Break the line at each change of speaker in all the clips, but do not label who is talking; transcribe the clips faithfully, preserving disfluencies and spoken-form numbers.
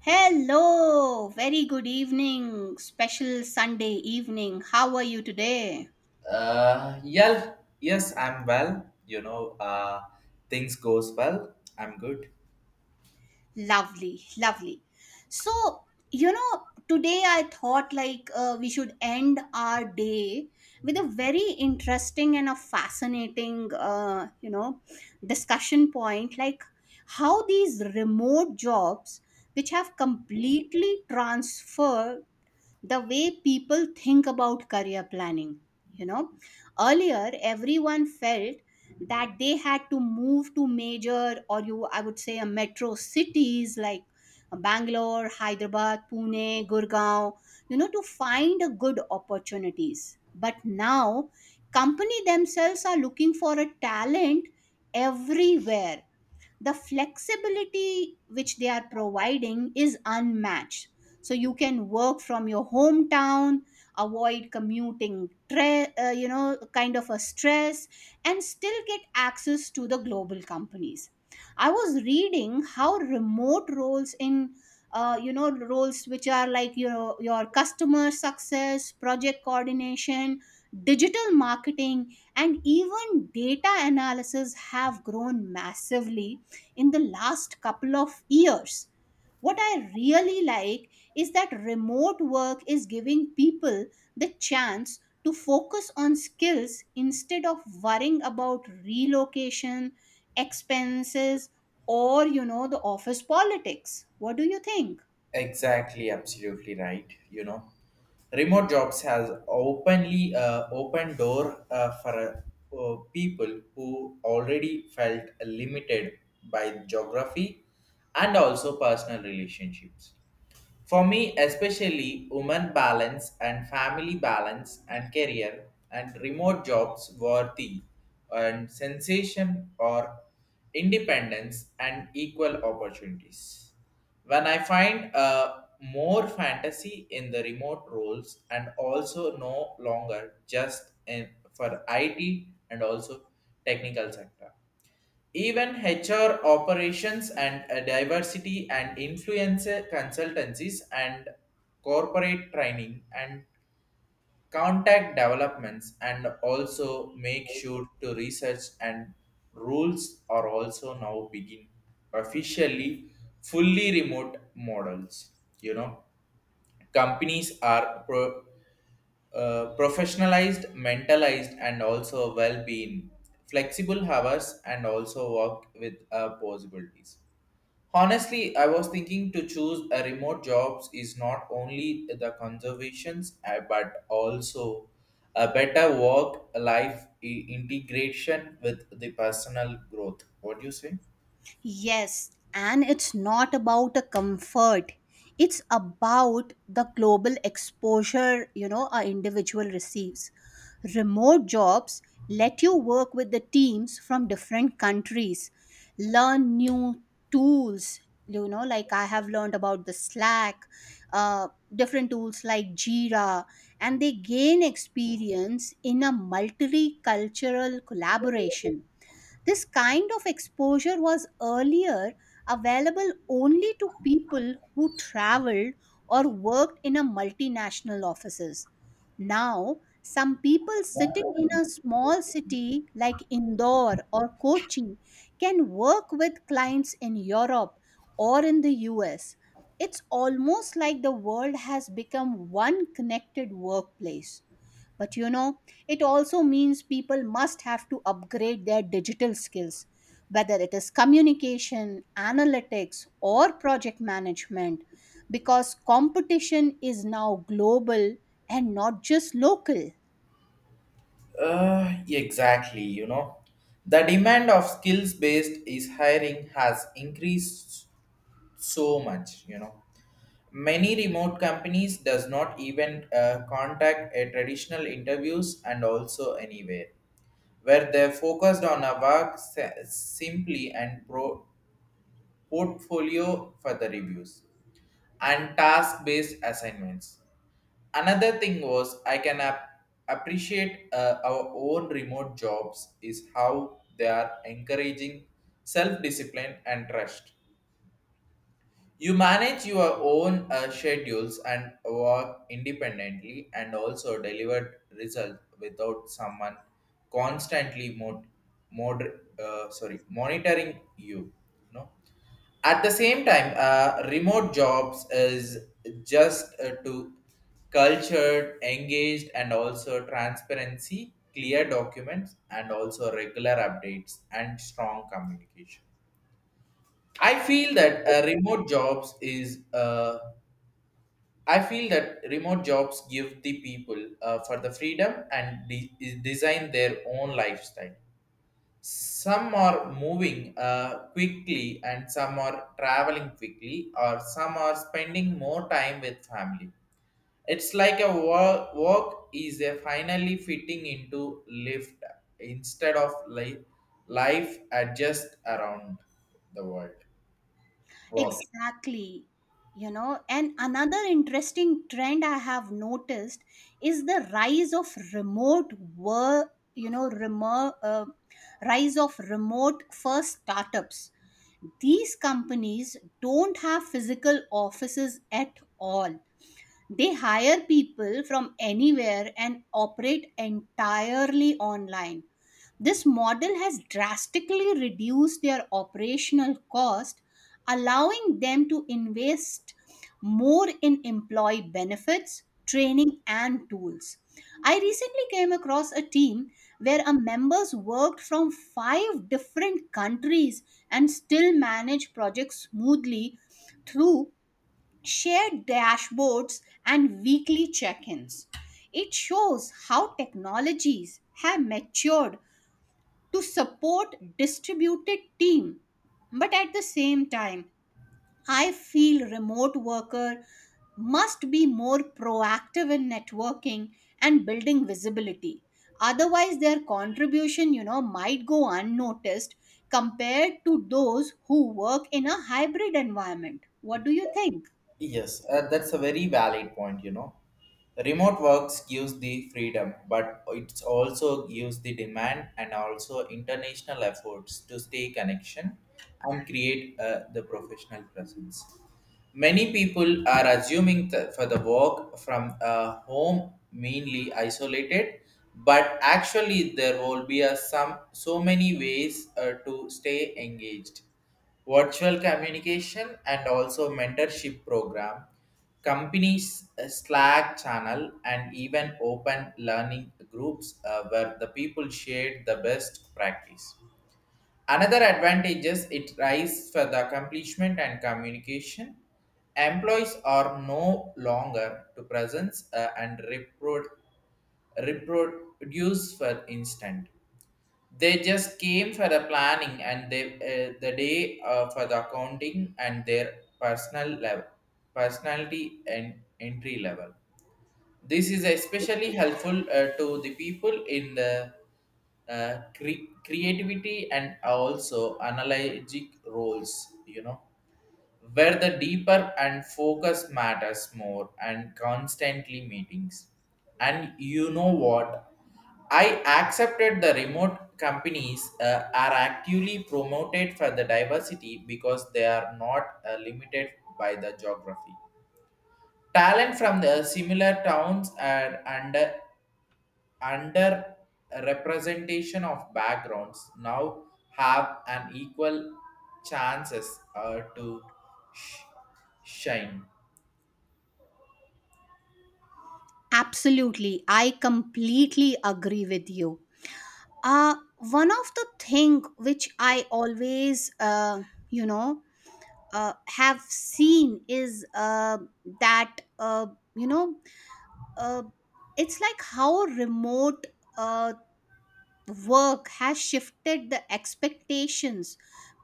Hello, very good evening, special Sunday evening. How are you today?
Uh, yeah, yes, I'm well. You know, uh, things goes well. I'm good.
Lovely, lovely. So, you know, today I thought like uh, we should end our day with a very interesting and a fascinating, uh, you know, discussion point like how these remote jobs, which have completely transferred the way people think about career planning. You know, earlier everyone felt that they had to move to major or you, I would say, a metro cities like Bangalore, Hyderabad, Pune, Gurgaon, you know, to find a good opportunities. But now, company themselves are looking for a talent everywhere. The flexibility which they are providing is unmatched, so you can work from your hometown, avoid commuting tre- uh, you know kind of a stress, and still get access to the global companies. I was reading how remote roles in uh, you know roles which are like you know your customer success, project coordination, digital marketing, and even data analysis have grown massively in the last couple of years. What I really like is that remote work is giving people the chance to focus on skills instead of worrying about relocation, expenses, or you know the office politics. What do you think?
Exactly, absolutely right. You know, remote jobs has openly uh, opened door uh, for uh, people who already felt limited by geography and also personal relationships. For me, especially women balance and family balance and career and remote jobs worthy and sensation or independence and equal opportunities. When I find uh, more fantasy in the remote roles and also no longer just in, for I T and also technical sector even H R operations and uh, diversity and influence consultancies and corporate training and contact developments and also make sure to research and rules are also now begin officially fully remote models, you know. Companies are pro- uh, professionalized, mentalized, and also well-being, flexible hours, and also work with uh, possibilities. Honestly, I was thinking to choose a remote jobs is not only the conservations, uh, but also a better work-life i- integration with the personal growth. What do you say?
Yes, and it's not about a comfort. It's about the global exposure, you know, a individual receives. Remote jobs let you work with the teams from different countries, learn new tools, you know, like I have learned about the Slack, uh, different tools like Jira, and they gain experience in a multicultural collaboration. This kind of exposure was earlier available only to people who traveled or worked in a multinational offices. Now, some people sitting in a small city like Indore or Kochi can work with clients in Europe or in the U S. It's almost like the world has become one connected workplace. But you know, it also means people must have to upgrade their digital skills, whether it is communication, analytics, or project management, because competition is now global and not just local.
Uh, exactly, you know. The demand of skills based is hiring has increased so much, you know. Many remote companies does not even uh, contact a traditional interviews and also anywhere where they focused on a work se- simply and pro- portfolio for the reviews, and task based assignments. Another thing was I can ap- appreciate uh, our own remote jobs is how they are encouraging self discipline and trust. You manage your own uh, schedules and work independently and also deliver result without someone constantly mod, mod, uh, sorry, monitoring you. No? At the same time, uh, remote jobs is just uh, to cultured, engaged, and also transparency, clear documents, and also regular updates and strong communication. I feel that uh, remote jobs is. Uh, I feel that remote jobs give the people uh, for the freedom and de- design their own lifestyle. Some are moving uh, quickly, and some are traveling quickly, or some are spending more time with family. It's like a work, work is a finally fitting into lift instead of life, life adjust around the world. Work.
Exactly. You know, and another interesting trend I have noticed is the rise of remote work, you know, remote, uh, rise of remote first startups. These companies don't have physical offices at all. They hire people from anywhere and operate entirely online. This model has drastically reduced their operational cost, allowing them to invest more in employee benefits, training, and tools. I recently came across a team where a members worked from five different countries and still managed projects smoothly through shared dashboards, and weekly check ins. It shows how technologies have matured to support distributed team. But at the same time, I feel remote worker must be more proactive in networking and building visibility. Otherwise, their contribution, you know, might go unnoticed compared to those who work in a hybrid environment. What do you think?
Yes, uh, that's a very valid point, you know. Remote works gives the freedom, but it also gives the demand and also international efforts to stay connection and create uh, the professional presence. Many people are assuming that for the work from a home mainly isolated, but actually there will be a some so many ways uh, to stay engaged. Virtual communication and also mentorship program, companies uh, Slack channel, and even open learning groups uh, where the people share the best practice. Another advantage is it rise for the accomplishment and communication. Employees are no longer to presence uh, and repro- reproduce for instant. They just came for the planning and they, uh, the day uh, for the accounting and their personal level, personality and entry level. This is especially helpful uh, to the people in the uh, cre- creativity and also analogic roles, you know, where the deeper and focus matters more and constantly meetings. And you know what? I accepted the remote companies uh, are actively promoted for the diversity because they are not uh, limited by the geography. Talent from the similar towns and under under representation of backgrounds now have an equal chances uh, to sh- shine.
Absolutely. I completely agree with you. Uh, one of the thing which I always, uh, you know, uh, have seen is uh, that, uh, you know, uh, it's like how remote uh, work has shifted the expectations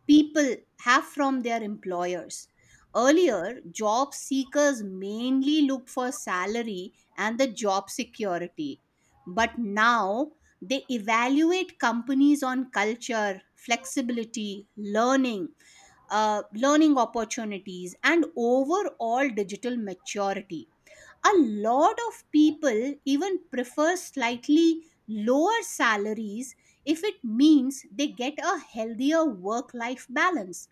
people have from their employers. Earlier, job seekers mainly looked for salary and the job security, but now they evaluate companies on culture, flexibility, learning, uh, learning opportunities, and overall digital maturity. A lot of people even prefer slightly lower salaries if it means they get a healthier work life balance.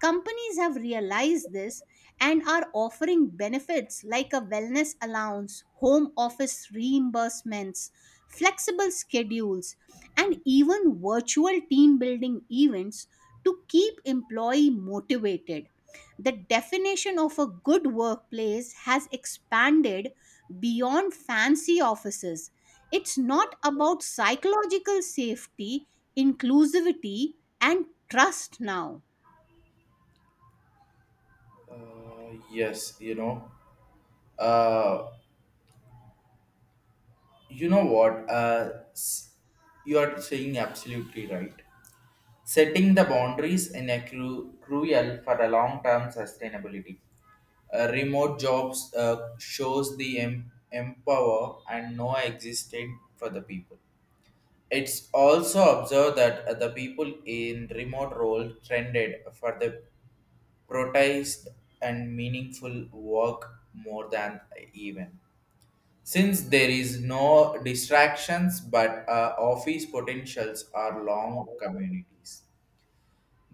Companies have realized this and are offering benefits like a wellness allowance, home office reimbursements, flexible schedules, and even virtual team building events to keep employee motivated. The definition of a good workplace has expanded beyond fancy offices. It's not about psychological safety, inclusivity, and trust now.
Uh, yes, you know. Uh, you know what? Uh, s- you are saying absolutely right. Setting the boundaries in a cru- crucial for a long-term sustainability. Uh, remote jobs uh, shows the em- empower and no existed for the people. It's also observed that uh, the people in remote role trended for the protest and meaningful work more than even. Since there is no distractions, but uh, office potentials are long communities,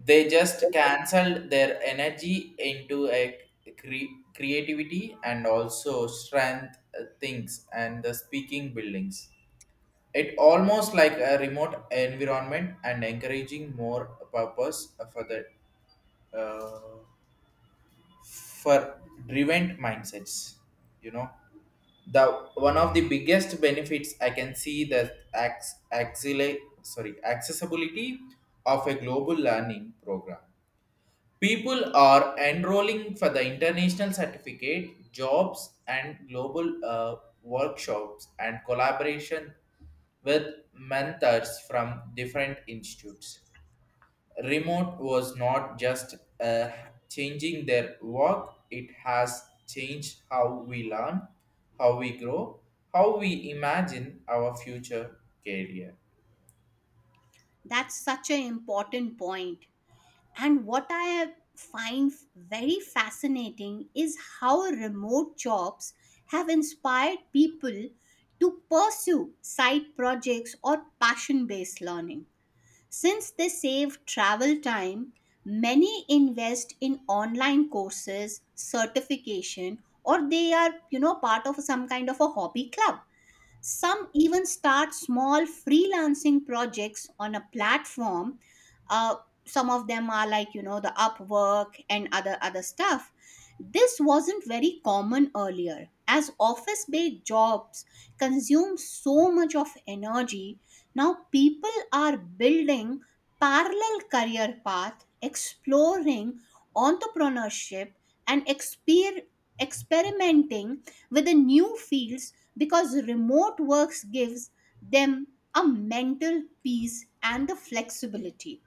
they just canceled their energy into a cre- creativity and also strength uh, things and the speaking buildings. It almost like a remote environment and encouraging more purpose for the uh, for driven mindsets, you know. The one of the biggest benefits I can see that acts axilla sorry accessibility of a global learning program. People are enrolling for the international certificate, jobs, and global uh, workshops and collaboration with mentors from different institutes. Remote was not just uh, changing their work, it has changed how we learn, how we grow, how we imagine our future career.
That's such an important point. And what I find very fascinating is how remote jobs have inspired people to pursue side projects or passion based learning. Since they save travel time, many invest in online courses, certification, or they are, you know, part of some kind of a hobby club. Some even start small freelancing projects on a platform, uh, some of them are like you know the upwork and other other stuff. This wasn't very common earlier as office based jobs consume so much of energy. Now people are building parallel career path, exploring entrepreneurship, and exper- experimenting with the new fields because remote works gives them a mental peace and the flexibility.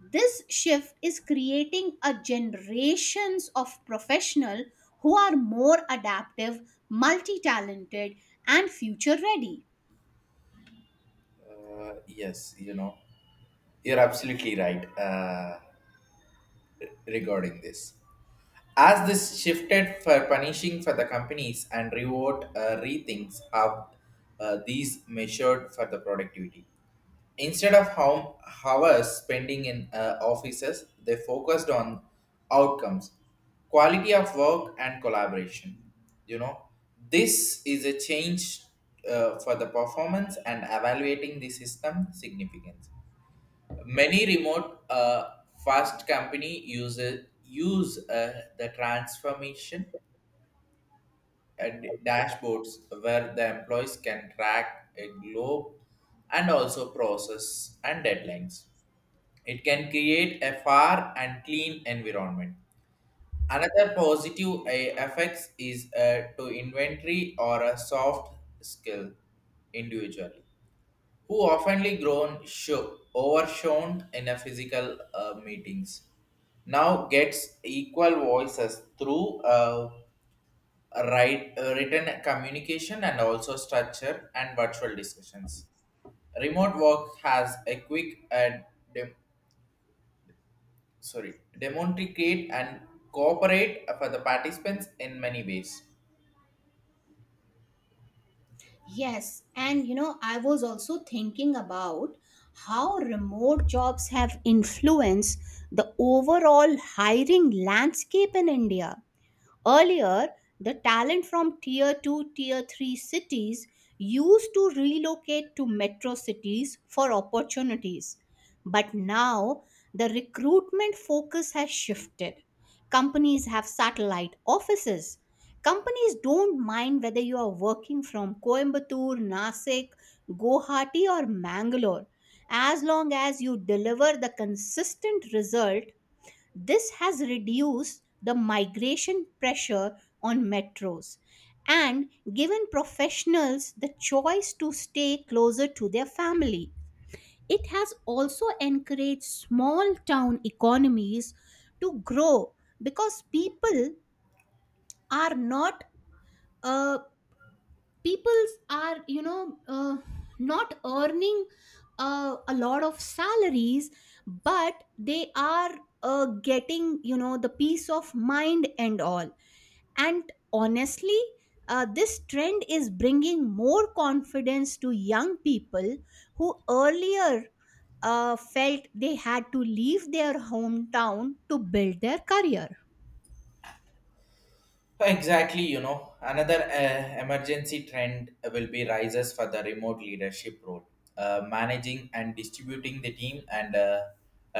This shift is creating a generations of professional who are more adaptive, multi-talented, and future ready.
Uh, yes, you know, you're absolutely right uh, regarding this. As this shifted for punishing for the companies and reward uh, rethinks of uh, these measured for the productivity. Instead of how hours spending in uh, offices, they focused on outcomes, quality of work, and collaboration. You know, this is a change uh, for the performance and evaluating the system significance. Many remote uh, fast company uses use uh, the transformation and dashboards where the employees can track a globe and also process and deadlines. It can create a fair and clean environment. Another positive uh, effects is uh, to inventory or a soft skill individually who oftenly grown sho- overshone in a physical uh, meetings now gets equal voices through uh, write, uh, written communication and also structure and virtual discussions. Remote work has a quick and dem- sorry demonstrate and cooperate for the participants in many ways.
Yes, and you know, I was also thinking about how remote jobs have influenced the overall hiring landscape in India. Earlier, the talent from tier two, tier three cities used to relocate to metro cities for opportunities. But now, the recruitment focus has shifted. Companies have satellite offices. Companies don't mind whether you are working from Coimbatore, Nasik, Guwahati, or Mangalore, as long as you deliver the consistent result. This has reduced the migration pressure on metros and given professionals the choice to stay closer to their family. It has also encouraged small town economies to grow because people are not uh, people are you know uh, not earning uh, a lot of salaries, but they are uh, getting you know the peace of mind and all. And honestly, uh, this trend is bringing more confidence to young people who earlier uh, felt they had to leave their hometown to build their career.
Exactly, you know, another uh, emergency trend will be rises for the remote leadership role. Uh, managing and distributing the team and uh,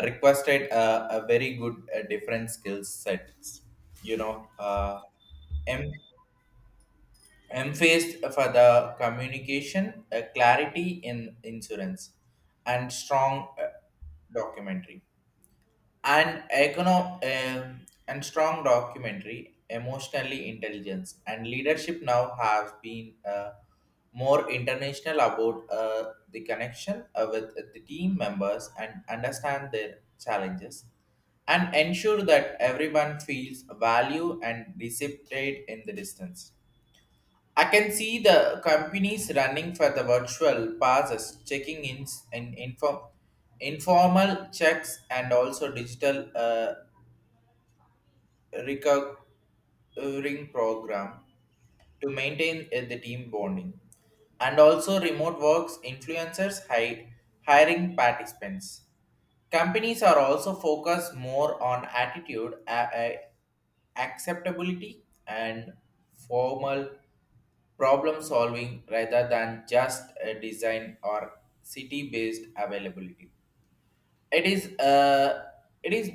requested uh, a very good uh, different skill sets. You know, uh, em- emphasized for the communication, uh, clarity in insurance, and strong uh, documentary and econo- um, and strong documentary emotionally intelligence and leadership now have been uh, more international about uh, the connection uh, with the team members and understand their challenges and ensure that everyone feels value and reciprocate in the distance. I can see the companies running for the virtual passes, checking ins and inform, informal checks, and also digital uh, recovering program to maintain uh, the team bonding. And also remote works influencers hi- hiring participants. Companies are also focused more on attitude, a- a- acceptability, and formal problem solving rather than just a design or city based availability. It is uh, it is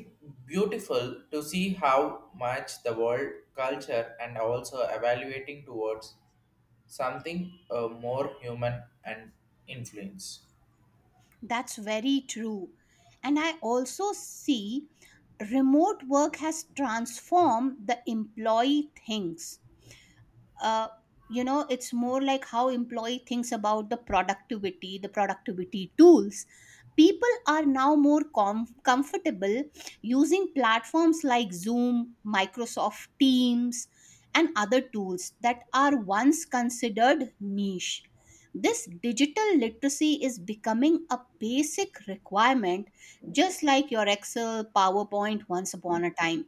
beautiful to see how much the world culture and also evaluating towards something uh, more human and influence.
That's very true. And I also see remote work has transformed the employee things, uh, you know it's more like how employee thinks about the productivity the productivity tools. People are now more com- comfortable using platforms like Zoom, Microsoft Teams, and other tools that are once considered niche. This digital literacy is becoming a basic requirement, just like your Excel, PowerPoint once upon a time.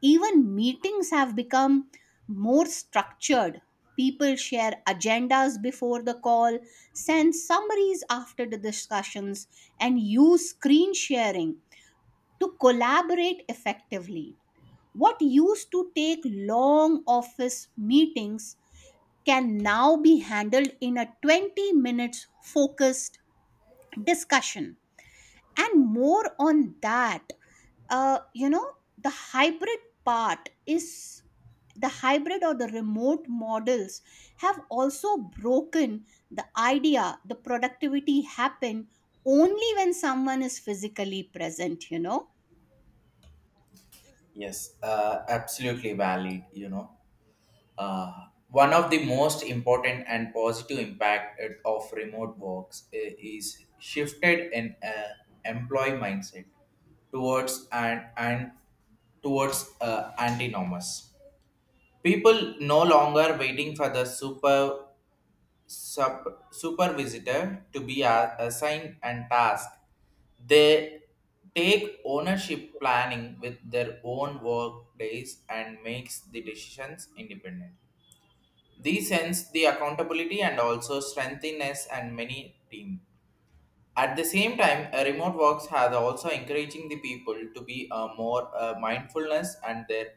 Even meetings have become more structured. People share agendas before the call, send summaries after the discussions, and use screen sharing to collaborate effectively. What used to take long office meetings can now be handled in a twenty minutes focused discussion. And more on that, uh, you know the hybrid part is the hybrid or the remote models have also broken the idea the productivity happen only when someone is physically present, you know.
Yes, uh, absolutely valid. You know. Uh, one of the most important and positive impact it- of remote works i- is shifted in uh, employee mindset towards and and towards uh, antinomous. People no longer waiting for the super sub, supervisor to be a- assigned and tasked. They take ownership planning with their own work days and makes the decisions independently. These hence the accountability and also strengthiness and many team. At the same time, uh, remote works has also encouraging the people to be uh, more uh, mindfulness and their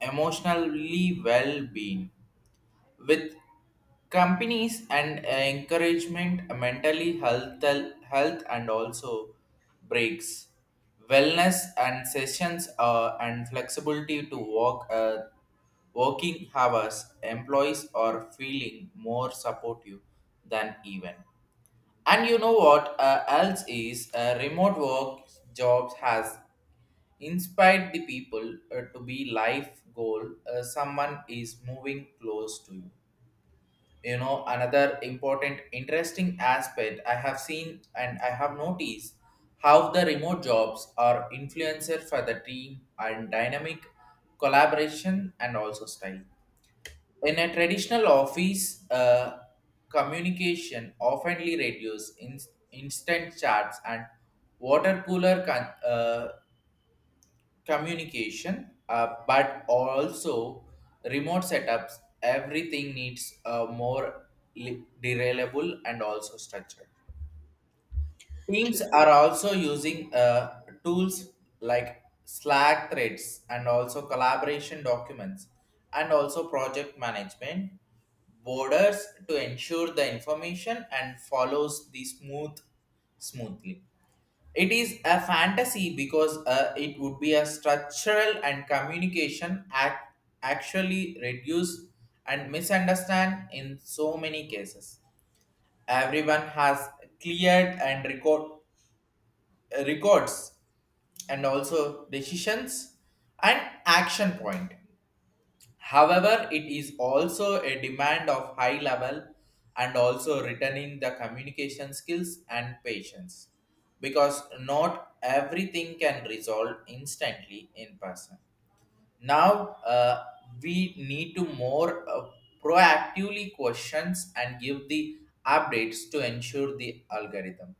emotionally well-being with companies and encouragement mentally health health and also breaks wellness and sessions uh, and flexibility to work uh, working hours employees are feeling more supportive than even. And you know what uh, else is uh, remote work jobs has inspired the people uh, to be life goal. uh, someone is moving close to you, you know. Another important interesting aspect I have seen and I have noticed how the remote jobs are influencer for the team and dynamic collaboration and also style. In a traditional office uh, communication often reduces in, instant chats and water cooler con- uh, communication, uh, but also remote setups. Everything needs a more li- reliable and also structured. Teams
Ex-
are also using uh, tools like Slack threads and also collaboration documents and also project management borders to ensure the information and follows the smooth smoothly. It is a fantasy because uh, it would be a structural and communication act actually reduce and misunderstand in so many cases. Everyone has cleared and record records and also decisions and action point. However, it is also a demand of high level and also returning the communication skills and patience because not everything can resolve instantly in person. Now, uh, we need to more uh, proactively questions and give the updates to ensure the algorithm,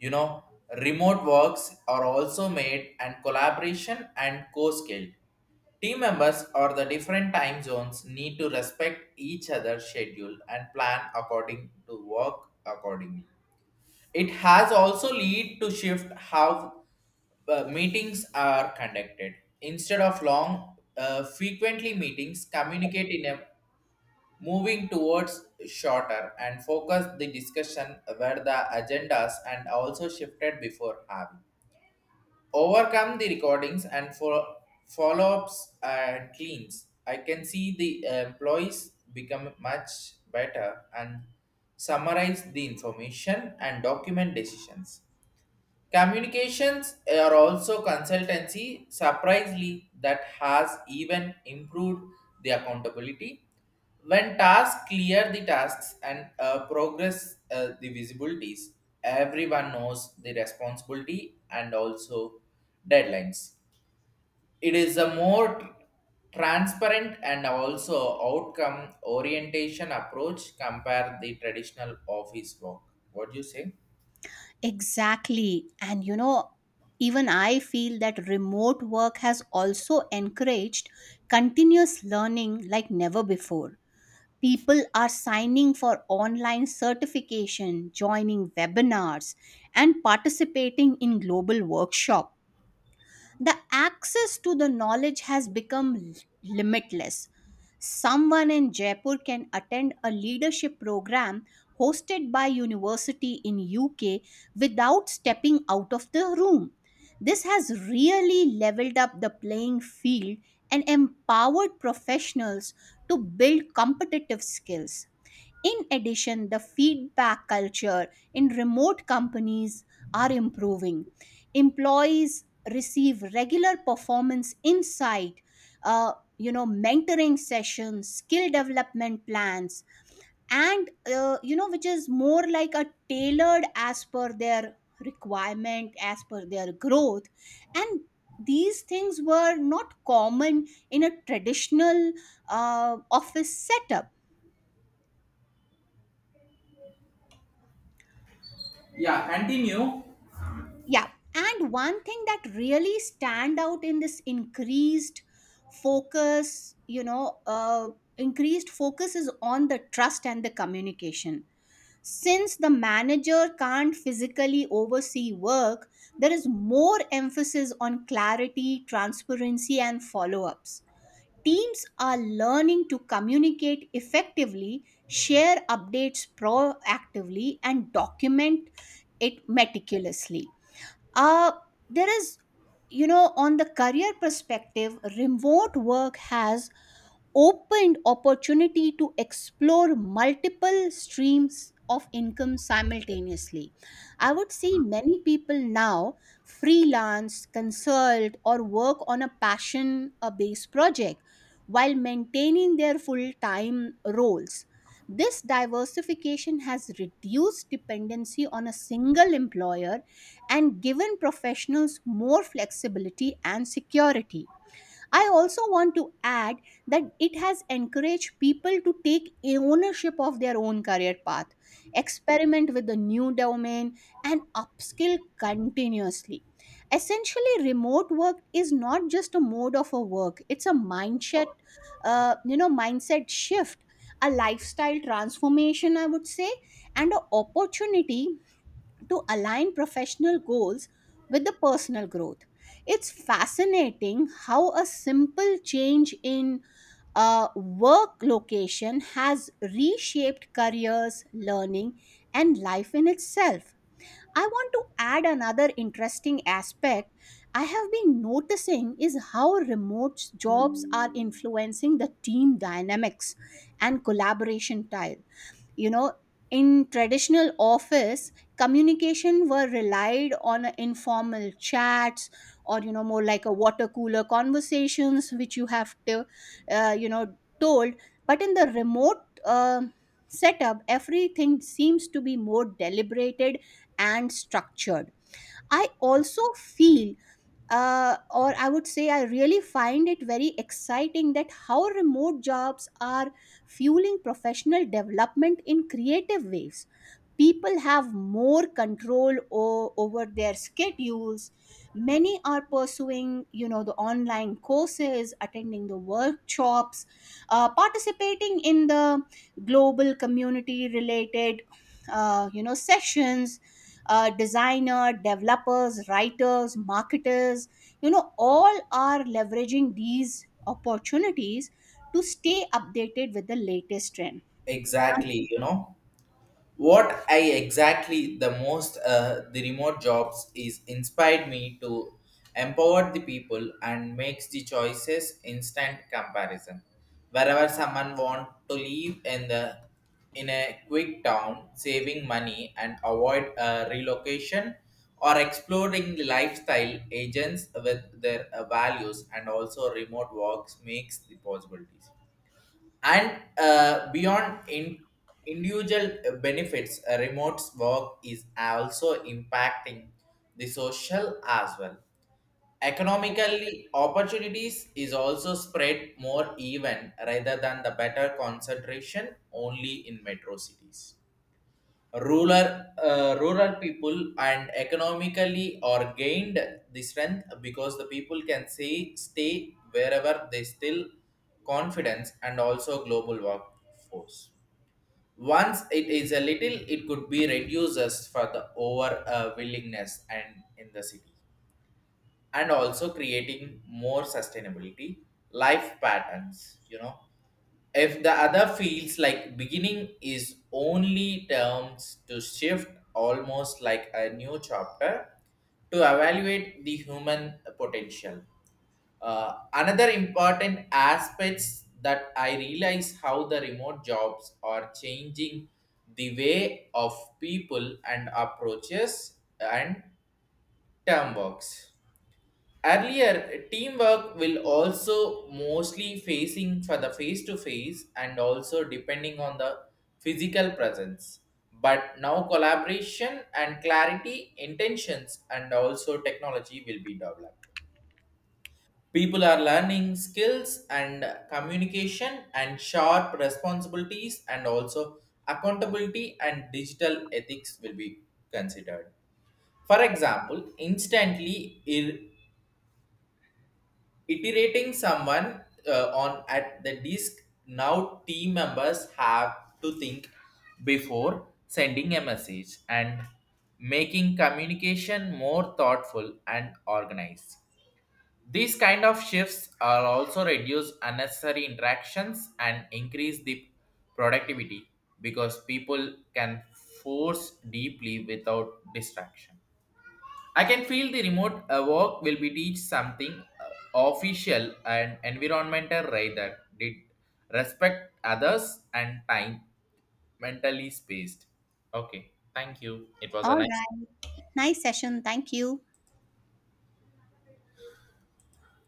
you know. Remote works are also made and collaboration and co-skilled. Team members or the different time zones need to respect each other's schedule and plan according to work accordingly. It has also lead to shift how uh, meetings are conducted. Instead of long, uh, frequently meetings communicate in a moving towards shorter and focus the discussion where the agendas and also shifted before having overcome the recordings and for follow-ups and cleans. I can see the employees become much better and summarize the information and document decisions. Communications are also consultancy, surprisingly, that has even improved the accountability. When tasks clear the tasks and uh, progress uh, the visibilities, everyone knows the responsibility and also deadlines. It is a more tr- transparent and also outcome orientation approach compare the traditional office work. What do you say?
exactly and you know, even I feel that remote work has also encouraged continuous learning like never before. People are signing for online certification, joining webinars, and participating in global workshops. The access to the knowledge has become l- limitless. Someone in Jaipur can attend a leadership program hosted by university in U K without stepping out of the room. This has really leveled up the playing field and empowered professionals to build competitive skills. In addition, the feedback culture in remote companies are improving. Employees receive regular performance insight, uh, you know, mentoring sessions, skill development plans, and uh, you know, which is more like a tailored as per their requirement, as per their growth, and these things were not common in a traditional uh, office setup.
Yeah, continue.
Yeah. And one thing that really stand out in this increased focus, you know, uh, increased focus is on the trust and the communication. Since the manager can't physically oversee work, there is more emphasis on clarity, transparency, and follow ups. Teams are learning to communicate effectively, share updates proactively, and document it meticulously. uh, there is, you know on the career perspective, remote work has opened opportunity to explore multiple streams of income simultaneously. I would see many people now freelance, consult, or work on a passion based project while maintaining their full time roles. This diversification has reduced dependency on a single employer and given professionals more flexibility and security. I also want to add that it has encouraged people to take a- ownership of their own career path, experiment with the new domain, and upskill continuously. Essentially, remote work is not just a mode of a work; it's a mindset, uh, you know, mindset shift, a lifestyle transformation, I would say, and an opportunity to align professional goals with the personal growth. It's fascinating how a simple change in a work location has reshaped careers, learning, and life in itself. I want to add another interesting aspect I have been noticing is how remote jobs are influencing the team dynamics and collaboration style, you know. In traditional office, communication were relied on a informal chats or you know more like a water cooler conversations which you have to uh, you know told. But in the remote um setup everything seems to be more deliberated and structured. I also feel, uh, or I would say, I really find it very exciting that how remote jobs are fueling professional development in creative ways. People have more control o- over their schedules. Many are pursuing, you know, the online courses, attending the workshops, uh, participating in the global community related, uh, you know, sessions. Uh, designer, developers, writers, marketers, you know, all are leveraging these opportunities to stay updated with the latest trend.
Exactly, you know what I exactly the most uh, the remote jobs is inspired me to empower the people and makes the choices instant comparison. Wherever someone want to live in the in a quick town, saving money and avoid uh, relocation or exploring the lifestyle agents with their uh, values and also remote works makes the possibilities and uh, beyond in individual benefits uh, remote work is also impacting the social as well, economically opportunities is also spread more even rather than the better concentration only in metro cities. rural uh, rural people and economically or gained the strength because the people can say stay wherever they still confidence and also global workforce. Once it is a little it could be reduces for the over uh, willingness and in the city and also creating more sustainability life patterns, you know. If the other feels like beginning is only terms to shift almost like a new chapter to evaluate the human potential. Uh, another important aspects that I realize how the remote jobs are changing the way of people and approaches and term works. Earlier, teamwork will also mostly facing for the face to face and also depending on the physical presence. But now collaboration and clarity, intentions, and also technology will be developed. People are learning skills and communication and sharp responsibilities and also accountability and digital ethics will be considered. For example, instantly ir- iterating someone uh, on at the disk now team members have to think before sending a message and making communication more thoughtful and organized. These kind of shifts are also reduce unnecessary interactions and increase the productivity because people can force deeply without distraction. I can feel the remote uh, work will be teach something uh, official and environmental rather did respect others and time mentally spaced. Okay, thank you. It was a
All
nice.
right, nice session, thank you.